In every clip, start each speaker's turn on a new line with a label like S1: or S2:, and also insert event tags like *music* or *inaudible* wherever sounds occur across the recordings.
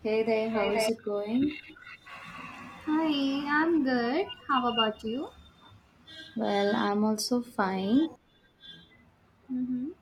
S1: Hey there, how is
S2: Hi,
S1: it going?
S2: I'm good. How about you?
S1: Well, I'm also fine.
S2: Mm-hmm.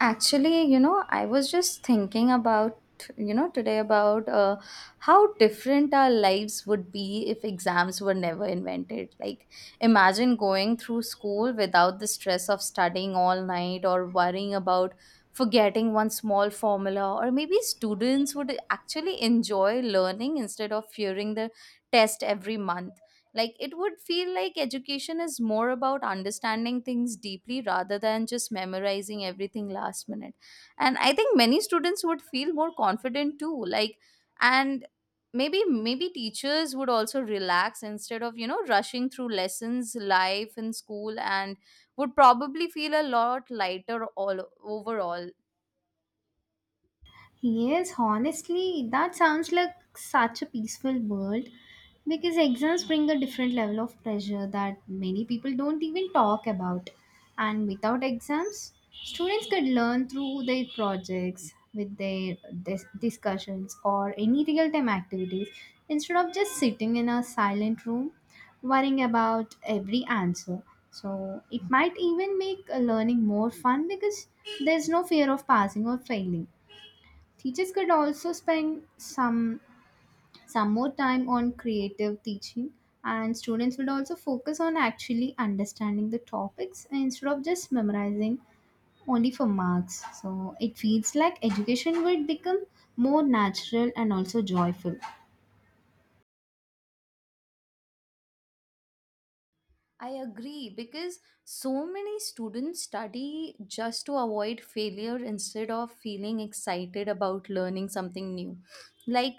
S1: Actually, I was just thinking about, today about how different our lives would be if exams were never invented. Like, imagine going through school without the stress of studying all night or worrying about forgetting one small formula, or maybe students would actually enjoy learning instead of fearing the test every month. Like, it would feel like education is more about understanding things deeply rather than just memorizing everything last minute. And I think many students would feel more confident too. Like, and maybe teachers would also relax instead of, rushing through lessons, life in school and would probably feel a lot lighter all overall.
S2: Yes, honestly, that sounds like such a peaceful world because exams bring a different level of pressure that many people don't even talk about. And without exams, students could learn through their projects, with their discussions, or any real time activities instead of just sitting in a silent room worrying about every answer. So, it might even make learning more fun because there's no fear of passing or failing. Teachers could also spend some more time on creative teaching, and students would also focus on actually understanding the topics instead of just memorizing only for marks. So it feels like education would become more natural and also joyful.
S1: I agree because so many students study just to avoid failure instead of feeling excited about learning something new. Like,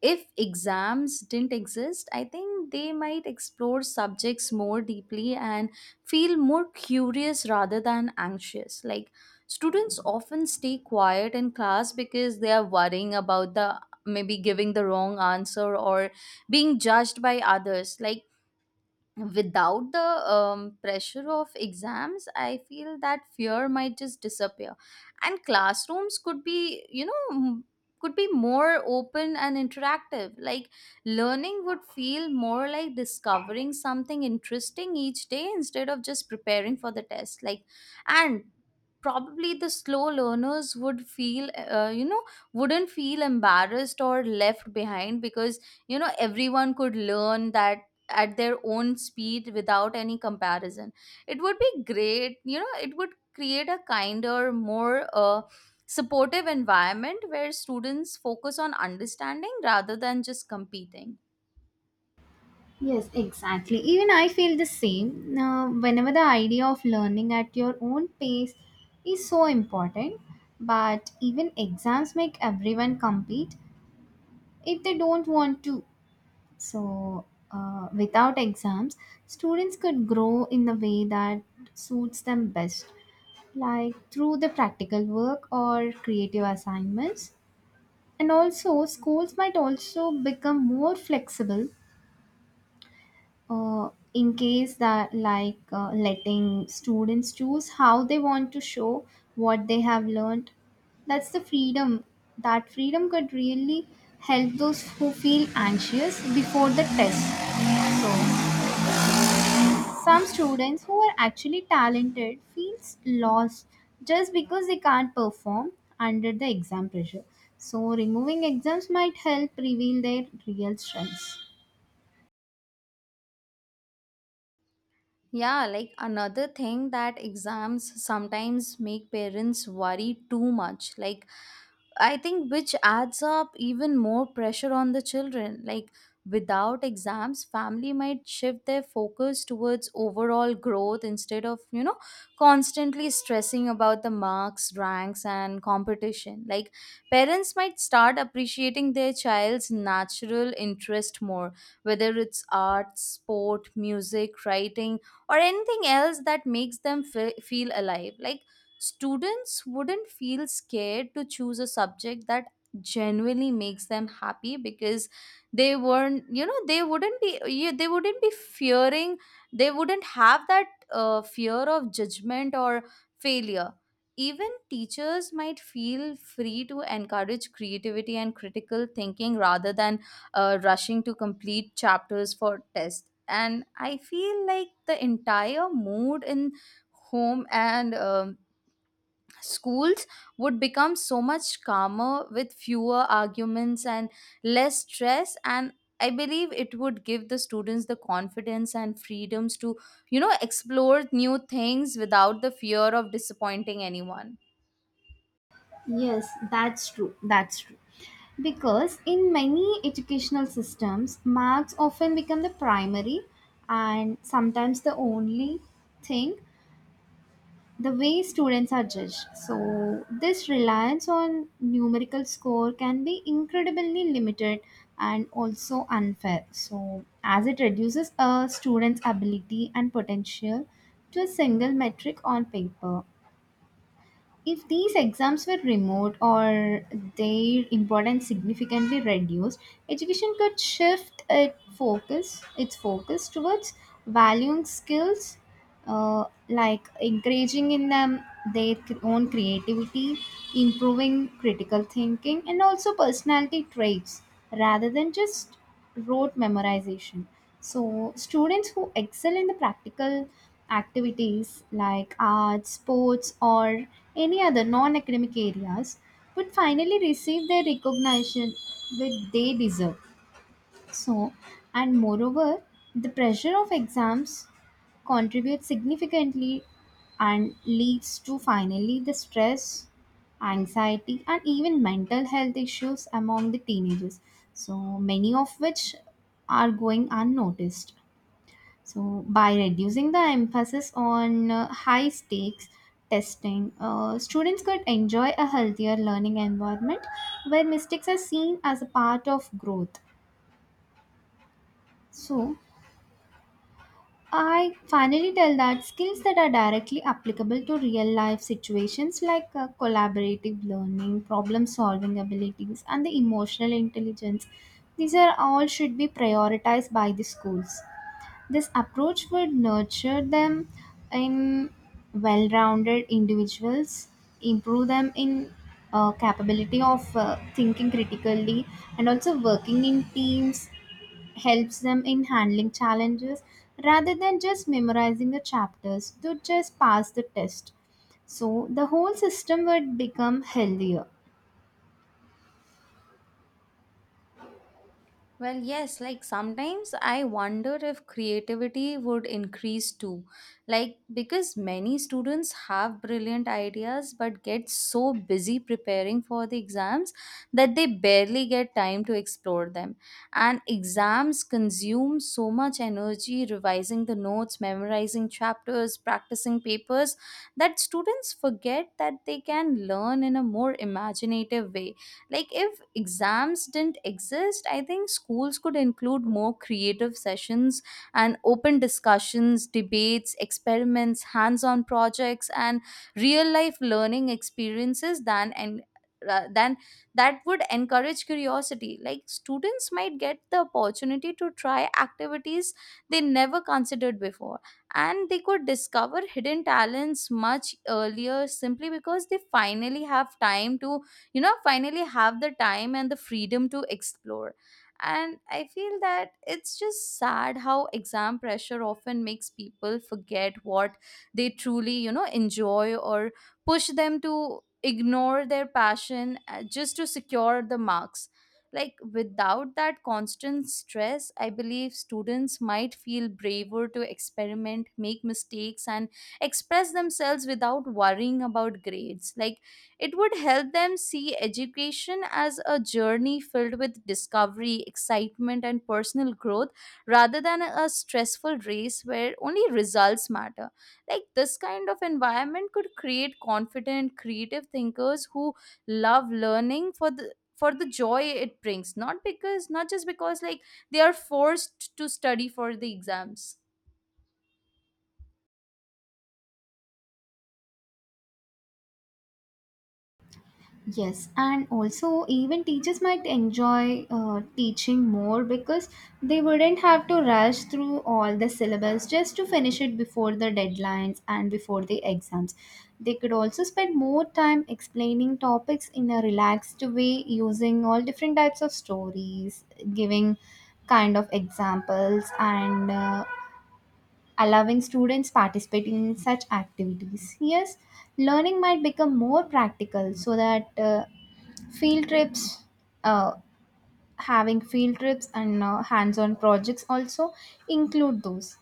S1: if exams didn't exist, I think they might explore subjects more deeply and feel more curious rather than anxious. Like, students often stay quiet in class because they are worrying about the maybe giving the wrong answer or being judged by others. Like, without the pressure of exams, I feel that fear might just disappear, and classrooms could be, you know, could be more open and interactive. Like, learning would feel more like discovering something interesting each day instead of just preparing for the test. Like and probably the slow learners would feel wouldn't feel embarrassed or left behind because, you know, everyone could learn that at their own speed without any comparison. It would be great, you know. It would create a kinder, more supportive environment where students focus on understanding rather than just competing.
S2: Yes, exactly. Even I feel the same. Whenever the idea of learning at your own pace is so important, but even exams make everyone compete if they don't want to. So, without exams, students could grow in the way that suits them best, like through the practical work or creative assignments. And also, schools might also become more flexible in case that, like, letting students choose how they want to show what they have learned. That's the freedom. That freedom could really help those who feel anxious before the test. So, some students who are actually talented feels lost just because they can't perform under the exam pressure. So removing exams might help reveal their real strengths.
S1: Yeah, like another thing, that exams sometimes make parents worry too much. Like, I think, which adds up even more pressure on the children. Like, without exams, family might shift their focus towards overall growth instead of, you know, constantly stressing about the marks, ranks, and competition. Like, parents might start appreciating their child's natural interest more, whether it's art, sport, music, writing, or anything else that makes them feel alive. Like, students wouldn't feel scared to choose a subject that genuinely makes them happy because they wouldn't be fearing, they wouldn't have that fear of judgment or failure. Even teachers might feel free to encourage creativity and critical thinking rather than rushing to complete chapters for tests, and I feel like the entire mood in home and schools would become so much calmer, with fewer arguments and less stress, and I believe it would give the students the confidence and freedoms to, you know, explore new things without the fear of disappointing anyone.
S2: Yes, that's true. That's true. Because in many educational systems, marks often become the primary and sometimes the only thing, the way students are judged. So, this reliance on numerical score can be incredibly limited and also unfair. So, as it reduces a student's ability and potential to a single metric on paper. If these exams were remote or their importance significantly reduced, education could shift its focus towards valuing skills, like encouraging in them their own creativity, improving critical thinking, and also personality traits, rather than just rote memorization. So, students who excel in the practical activities like arts, sports, or any other non academic areas would finally receive the recognition that they deserve. So, and moreover, the pressure of exams contributes significantly and leads to finally the stress, anxiety, and even mental health issues among the teenagers. So, many of which are going unnoticed. So, by reducing the emphasis on high stakes testing, students could enjoy a healthier learning environment where mistakes are seen as a part of growth. So, I finally tell that skills that are directly applicable to real life situations, like collaborative learning, problem solving abilities, and the emotional intelligence, these are all should be prioritized by the schools. This approach would nurture them in well rounded individuals, improve them in capability of thinking critically, and also working in teams, helps them in handling challenges rather than just memorizing the chapters to just pass the test. So the whole system would become healthier.
S1: Well, yes, like sometimes I wonder if creativity would increase too. Like, because many students have brilliant ideas but get so busy preparing for the exams that they barely get time to explore them. And exams consume so much energy revising the notes, memorizing chapters, practicing papers, that students forget that they can learn in a more imaginative way. Like, if exams didn't exist, I think schools could include more creative sessions and open discussions, debates, experiments, hands-on projects, and real life learning experiences than and ra- than that would encourage curiosity. Like, students might get the opportunity to try activities they never considered before, and they could discover hidden talents much earlier simply because they finally have time to, you know finally have the time and the freedom to explore. And I feel that it's just sad how exam pressure often makes people forget what they truly, you know, enjoy, or push them to ignore their passion, just to secure the marks. Like, without that constant stress, I believe students might feel braver to experiment, make mistakes, and express themselves without worrying about grades. Like, it would help them see education as a journey filled with discovery, excitement, and personal growth rather than a stressful race where only results matter. Like, this kind of environment could create confident, creative thinkers who love learning for the joy it brings, not just because, like, they are forced to study for the exams.
S2: Yes, and also even teachers might enjoy teaching more because they wouldn't have to rush through all the syllabus just to finish it before the deadlines and before the exams. They could also spend more time explaining topics in a relaxed way using all different types of stories, giving kind of examples, and allowing students participating in such activities. Yes, learning might become more practical so that field trips uh, having field trips and hands-on projects also include those,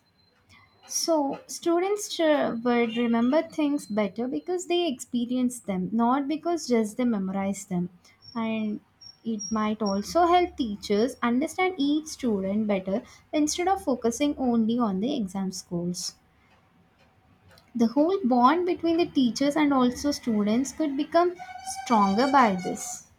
S2: so students would remember things better because they experience them, not because just they memorize them. And it might also help teachers understand each student better instead of focusing only on the exam scores. The whole bond between the teachers and also students could become stronger by this.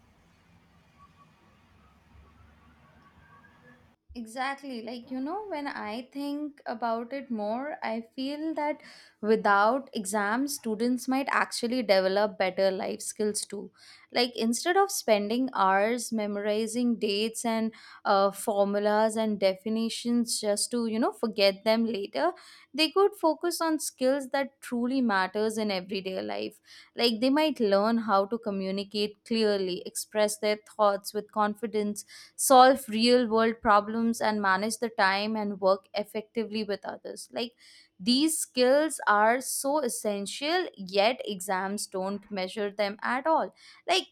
S1: Exactly. Like, you know, when I think about it more, I feel that without exams, students might actually develop better life skills too. Like, instead of spending hours memorizing dates and formulas and definitions just to, you know, forget them later, they could focus on skills that truly matters in everyday life. Like, they might learn how to communicate clearly, express their thoughts with confidence, solve real world problems, and manage the time and work effectively with others. Like, these skills are so essential, yet exams don't measure them at all. Like,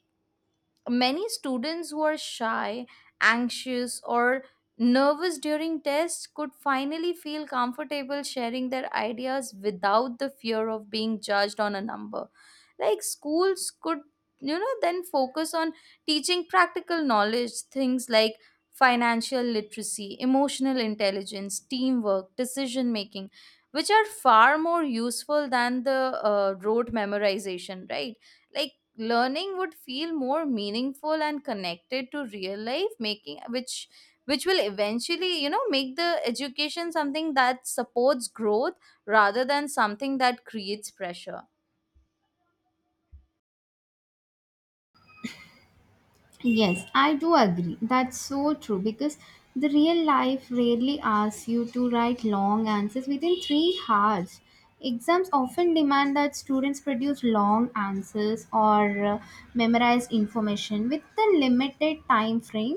S1: many students who are shy, anxious, or nervous during tests could finally feel comfortable sharing their ideas without the fear of being judged on a number. Like, schools could, you know, then focus on teaching practical knowledge, things like financial literacy, emotional intelligence, teamwork, decision making, which are far more useful than the rote memorization, right? Like, learning would feel more meaningful and connected to real life, making which will eventually, you know, make the education something that supports growth rather than something that creates pressure.
S2: Yes, I do agree. That's so true because the real life rarely asks you to write long answers within 3 hours. Exams often demand that students produce long answers or memorize information with the limited time frame,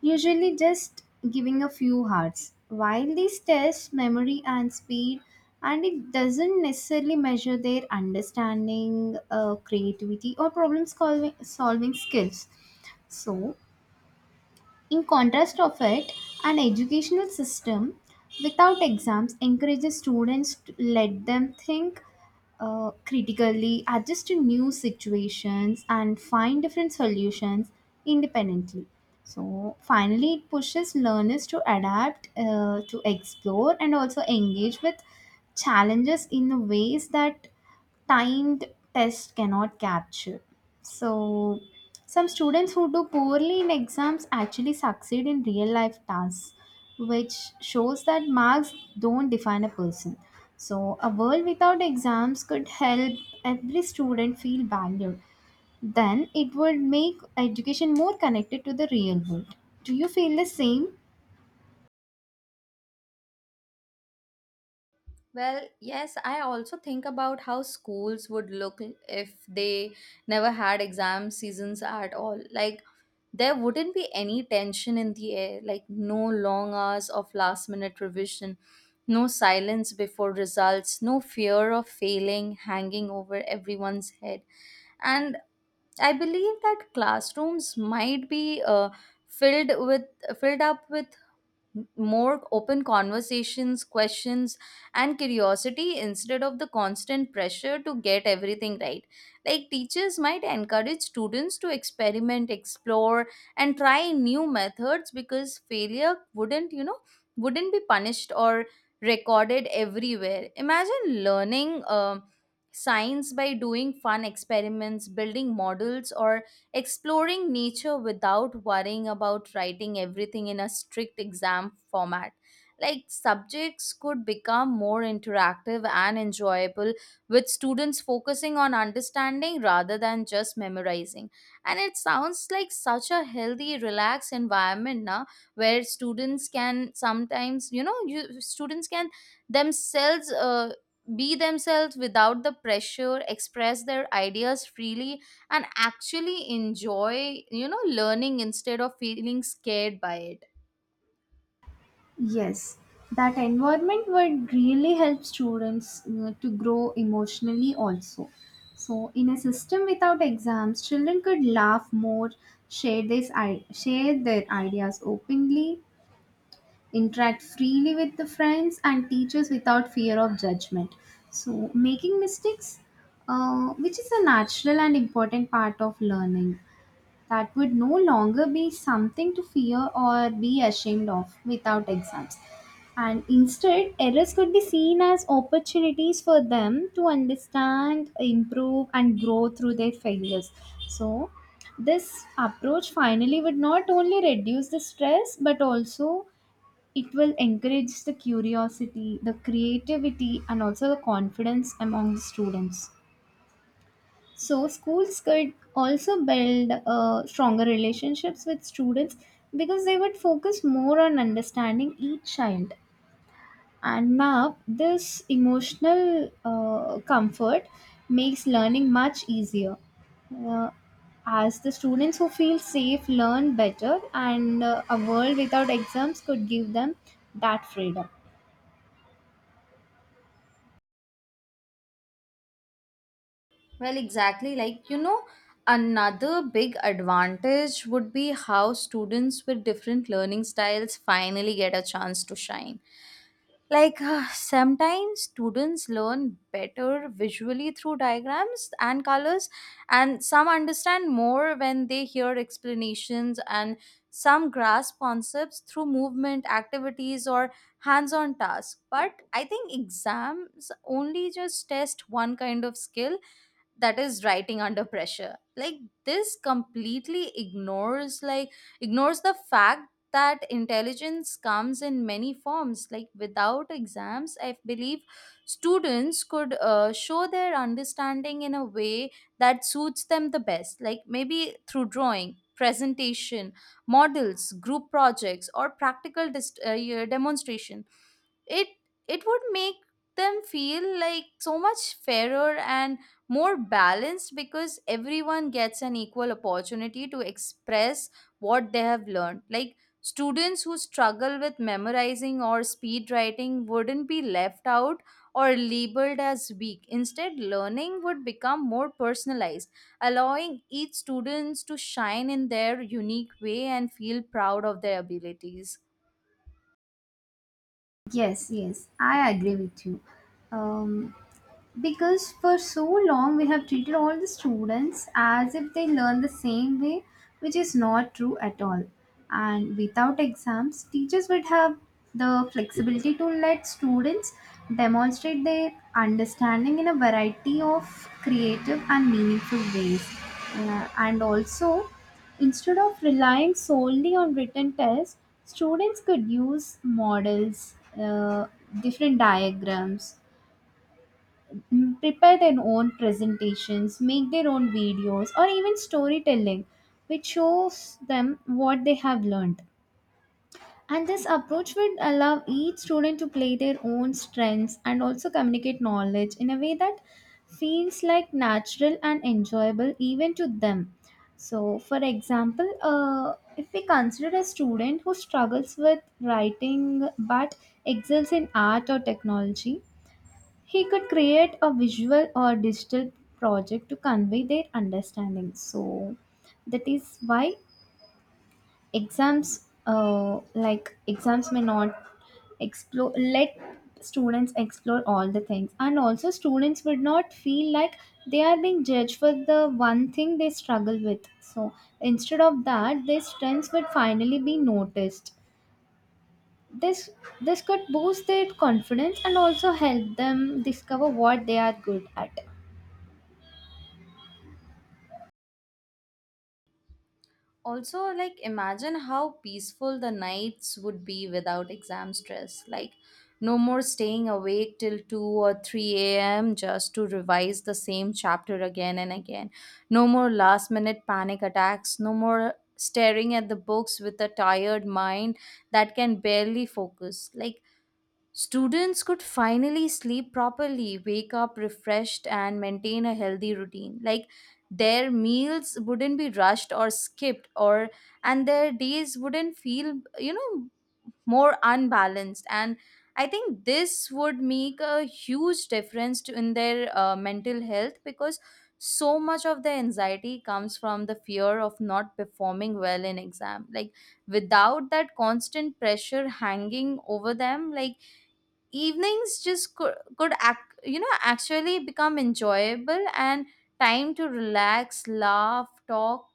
S2: usually just giving a few hearts. While these test memory and speed, and it doesn't necessarily measure their understanding, creativity, or problem solving skills. So, in contrast of it, an educational system without exams encourages students to let them think critically, adjust to new situations, and find different solutions independently. So, finally, it pushes learners to adapt, to explore, and also engage with challenges in ways that timed test cannot capture. So, some students who do poorly in exams actually succeed in real life tasks, which shows that marks don't define a person. So, a world without exams could help every student feel valued. Then it would make education more connected to the real world. Do you feel the same?
S1: Well, yes, I also think about how schools would look if they never had exam seasons at all. Like, there wouldn't be any tension in the air, like no long hours of last minute revision, no silence before results, no fear of failing hanging over everyone's head. And I believe that classrooms might be filled with filled up with more open conversations, questions, and curiosity instead of the constant pressure to get everything right. Like, teachers might encourage students to experiment, explore, and try new methods because failure wouldn't, you know, wouldn't be punished or recorded everywhere. Imagine learning science by doing fun experiments, building models, or exploring nature without worrying about writing everything in a strict exam format. Like, subjects could become more interactive and enjoyable, with students focusing on understanding rather than just memorizing. And it sounds like such a healthy, relaxed environment now where students can sometimes, you know, students can themselves, be themselves without the pressure, express their ideas freely, and actually enjoy, you know, learning instead of feeling scared by it.
S2: Yes, that environment would really help students to grow emotionally also. So, in a system without exams, children could laugh more, share their ideas openly, interact freely with the friends and teachers without fear of judgment. So, making mistakes, which is a natural and important part of learning, that would no longer be something to fear or be ashamed of without exams. And instead, errors could be seen as opportunities for them to understand, improve, and grow through their failures. So, this approach finally would not only reduce the stress, but also it will encourage the curiosity, the creativity, and also the confidence among the students. So schools could also build stronger relationships with students because they would focus more on understanding each child. And now this emotional comfort makes learning much easier. Uh, as the students who feel safe learn better, and a world without exams could give them that freedom.
S1: Well, exactly, like, you know, another big advantage would be how students with different learning styles finally get a chance to shine. Like, *sighs* sometimes students learn better visually through diagrams and colors, and some understand more when they hear explanations, and some grasp concepts through movement activities or hands on tasks, but I think exams only just test one kind of skill, that is writing under pressure. Like, this completely ignores the fact that intelligence comes in many forms. Like, without exams, I believe students could show their understanding in a way that suits them the best, like maybe through drawing, presentation, models, group projects, or practical demonstration. It it would make them feel like so much fairer and more balanced because everyone gets an equal opportunity to express what they have learned. Like, students who struggle with memorizing or speed writing wouldn't be left out or labeled as weak. Instead, learning would become more personalized, allowing each students to shine in their unique way and feel proud of their abilities.
S2: Yes, yes, I agree with you. Um, because for so long we have treated all the students as if they learn the same way, which is not true at all. And without exams, teachers would have the flexibility to let students demonstrate their understanding in a variety of creative and meaningful ways. And also, instead of relying solely on written tests, students could use models, uh, different diagrams, prepare their own presentations, make their own videos, or even storytelling, which shows them what they have learned. And this approach would allow each student to play their own strengths and also communicate knowledge in a way that feels like natural and enjoyable even to them. So, for example, if we consider a student who struggles with writing but excels in art or technology, he could create a visual or digital project to convey their understanding. So, that is why exams, like exams may not let students explore all the things. And also, students would not feel like they are being judged for the one thing they struggle with. So, instead of that, their strengths would finally be noticed. This this could boost their confidence and also help them discover what they are good at.
S1: Also, like, imagine how peaceful the nights would be without exam stress. Like, no more staying awake till 2 or 3 a.m. just to revise the same chapter again and again, no more last minute panic attacks, no more staring at the books with a tired mind that can barely focus. Like, students could finally sleep properly, wake up refreshed, and maintain a healthy routine. Like, their meals wouldn't be rushed or skipped, or and their days wouldn't feel, you know, more unbalanced. And I think this would make a huge difference to, in their mental health because so much of the anxiety comes from the fear of not performing well in exam. Like, without that constant pressure hanging over them, like, evenings just could act, you know, actually become enjoyable, and time to relax, laugh, talk,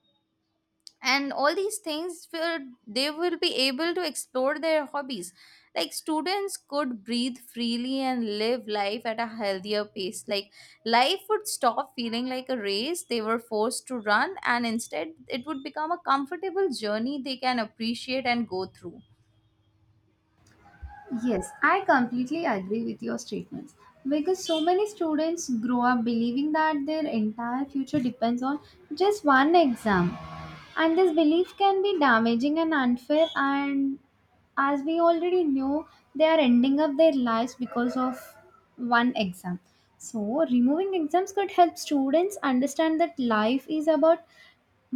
S1: and all these things will, they will be able to explore their hobbies. Like, students could breathe freely and live life at a healthier pace. Like, life would stop feeling like a race they were forced to run, and instead it would become a comfortable journey they can appreciate and go through.
S2: Yes, I completely agree with your statements because so many students grow up believing that their entire future depends on just one exam, and this belief can be damaging and unfair. And as we already know, they are ending up their lives because of one exam. So, removing exams could help students understand that life is about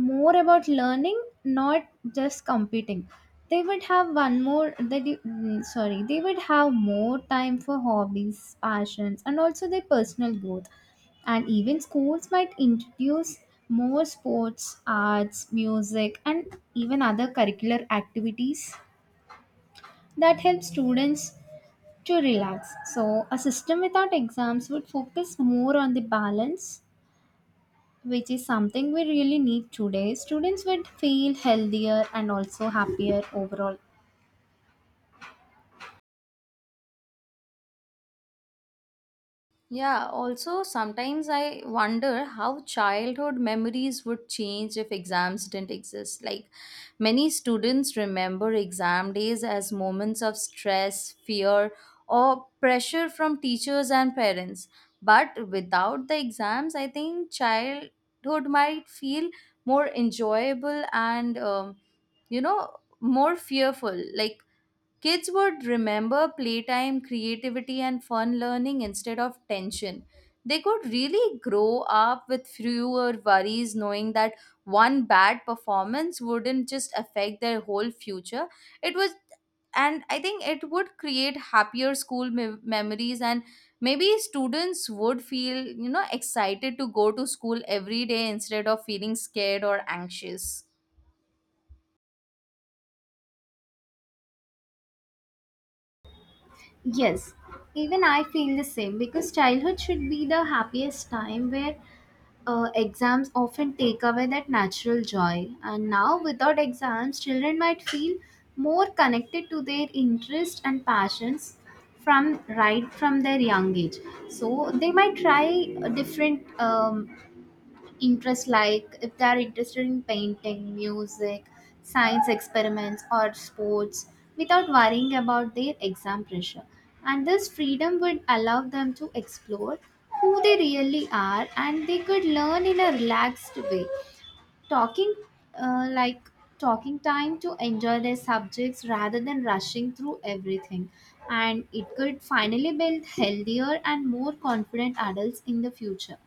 S2: more about learning, not just competing. They would have one more they do- mm, sorry, they would have more time for hobbies, passions, and also their personal growth. And even schools might introduce more sports, arts, music, and even other curricular activities that help students to relax. So a system without exams would focus more on the balance, which is something we really need today. Students would feel healthier and also happier overall.
S1: Yeah, also sometimes I wonder how childhood memories would change if exams didn't exist. Like, many students remember exam days as moments of stress, fear, or pressure from teachers and parents. But without the exams, I think childhood might feel more enjoyable and, you know, more fearful. Like, kids would remember playtime, creativity, and fun learning instead of tension. They could really grow up with fewer worries, knowing that one bad performance wouldn't just affect their whole future. It was, and I think it would create happier memories, and maybe students would feel, excited to go to school every day instead of feeling scared or anxious.
S2: Yes, even I feel the same because childhood should be the happiest time where exams often take away that natural joy. And now, without exams, children might feel more connected to their interests and passions from right from their young age. So they might try different interests, like if they are interested in painting, music, science experiments, or sports without worrying about their exam pressure. And this freedom would allow them to explore who they really are, and they could learn in a relaxed way. Talking uh, like talking time to enjoy their subjects rather than rushing through everything, and it could finally build healthier and more confident adults in the future.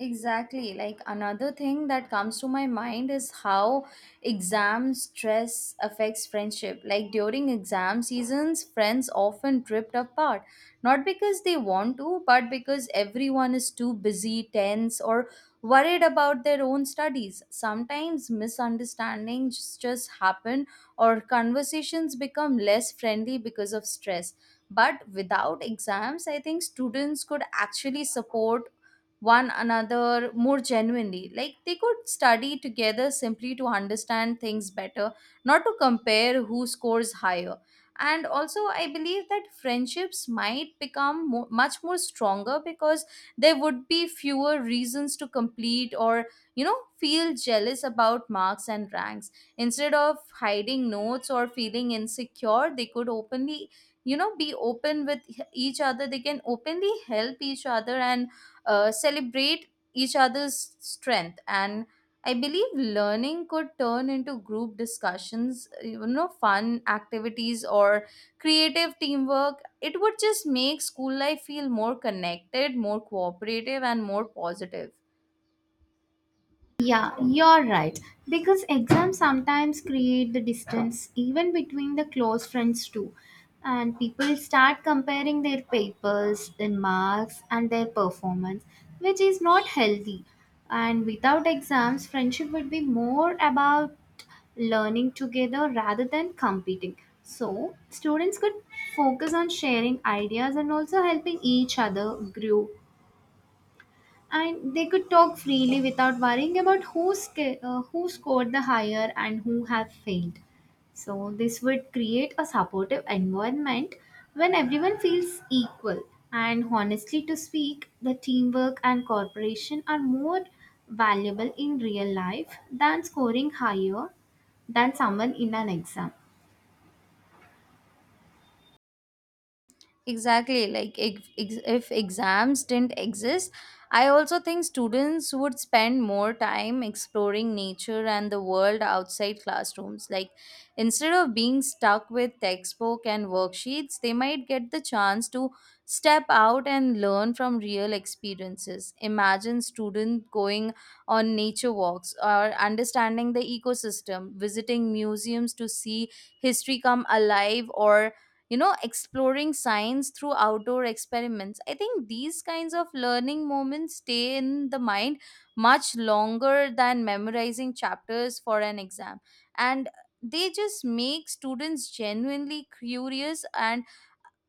S1: Exactly. Like another thing that comes to my mind is how exam stress affects friendship. Like during exam seasons, friends often drift apart, not because they want to, but because everyone is too busy, tense, or worried about their own studies. Sometimes misunderstandings just happen, or conversations become less friendly because of stress. But without exams, I think students could actually support one another more genuinely. Like they could study together simply to understand things better, not to compare who scores higher. And also, I believe that friendships might become mo much more stronger because there would be fewer reasons to complete or, feel jealous about marks and ranks. Instead of hiding notes or feeling insecure, they could be open with each other. They can openly help each other and celebrate each other's strength, and I believe learning could turn into group discussions, fun activities, or creative teamwork. It would just make school life feel more connected, more cooperative, and more positive.
S2: Yeah, you're right. Because exams sometimes create the distance even between the close friends too. And people start comparing their papers, their marks, and their performance, which is not healthy. And without exams, friendship would be more about learning together rather than competing. So, students could focus on sharing ideas and also helping each other grow, and they could talk freely without worrying about who scored the higher and who have failed. So, this would create a supportive environment when everyone feels equal. And honestly, to speak, the teamwork and cooperation are more valuable in real life than scoring higher than someone in an exam.
S1: Exactly. Like if exams didn't exist, I also think students would spend more time exploring nature and the world outside classrooms. Like instead of being stuck with textbook and worksheets, they might get the chance to step out and learn from real experiences. Imagine student going on nature walks or understanding the ecosystem, visiting museums to see history come alive, or exploring science through outdoor experiments. I think these kinds of learning moments stay in the mind much longer than memorizing chapters for an exam. And they just make students genuinely curious and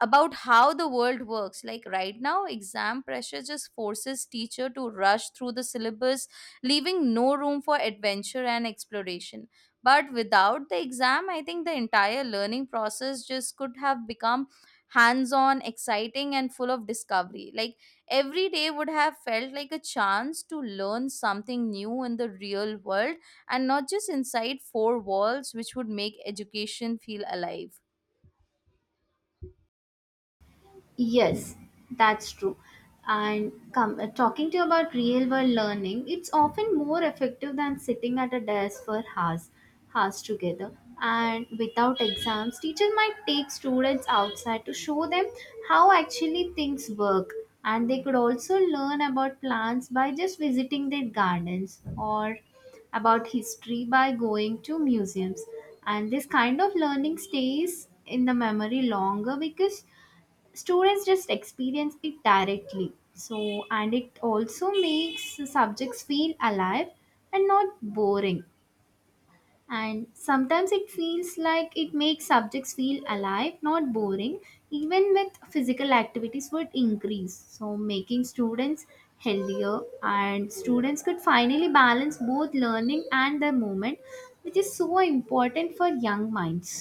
S1: about how the world works. Like right now exam pressure just forces teacher to rush through the syllabus, leaving no room for adventure and exploration. But without the exam, I think the entire learning process just could have become hands on, exciting, and full of discovery. Like every day would have felt like a chance to learn something new in the real world, and not just inside four walls, which would make education feel alive.
S2: Yes, that's true. And talking to you about real world learning, it's often more effective than sitting at a desk for hours together. And without exams, teachers might take students outside to show them how actually things work. And they could also learn about plants by just visiting their gardens or about history by going to museums. And this kind of learning stays in the memory longer because students just experience it directly. So, and it also makes the subjects feel alive and not boring, and sometimes it feels like it makes subjects feel alive not boring. Even with physical activities would increase, so making students healthier, and students could finally balance both learning and their movement, which is so important for young minds.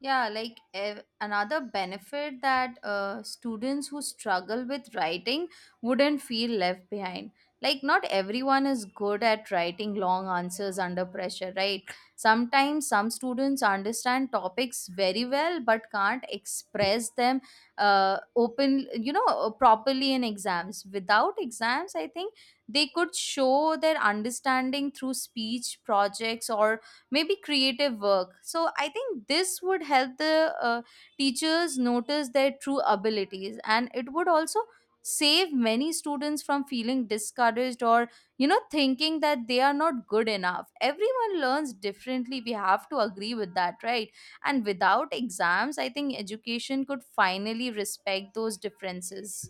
S1: Yeah, like another benefit that students who struggle with writing wouldn't feel left behind. Like, not everyone is good at writing long answers under pressure, right? Sometimes some students understand topics very well but can't express them properly in exams. Without exams, I think they could show their understanding through speech projects or maybe creative work. So I think this would help the uh, teachers notice their true abilities, and it would also save many students from feeling discouraged or thinking that they are not good enough. Everyone learns differently, we have to agree with that, right? And without exams, I think education could finally respect those differences.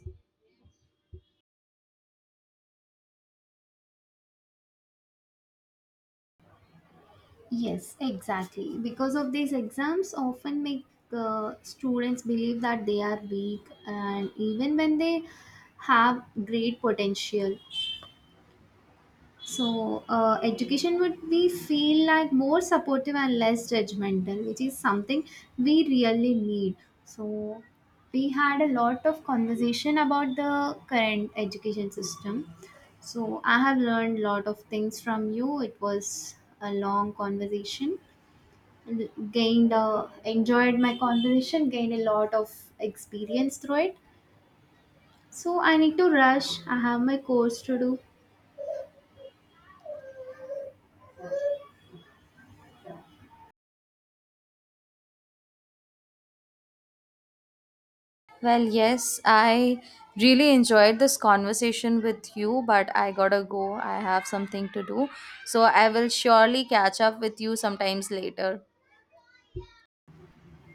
S2: Yes, exactly. Because of these exams, often make students believe that they are weak, and even when they have great potential. So, education would be feel like more supportive and less judgmental, which is something we really need. So, we had a lot of conversation about the current education system. So, I have learned a lot of things from you. It was a long conversation, gained enjoyed my conversation, gained a lot of experience through it. So I need to rush, I have my course to do.
S1: Well, yes, I really enjoyed this conversation with you, but I gotta go. I have something to do. So I will surely catch up with you sometimes later.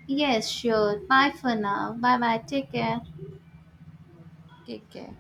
S2: Yes, sure. Bye for now. Bye bye. Take care.
S1: Take care.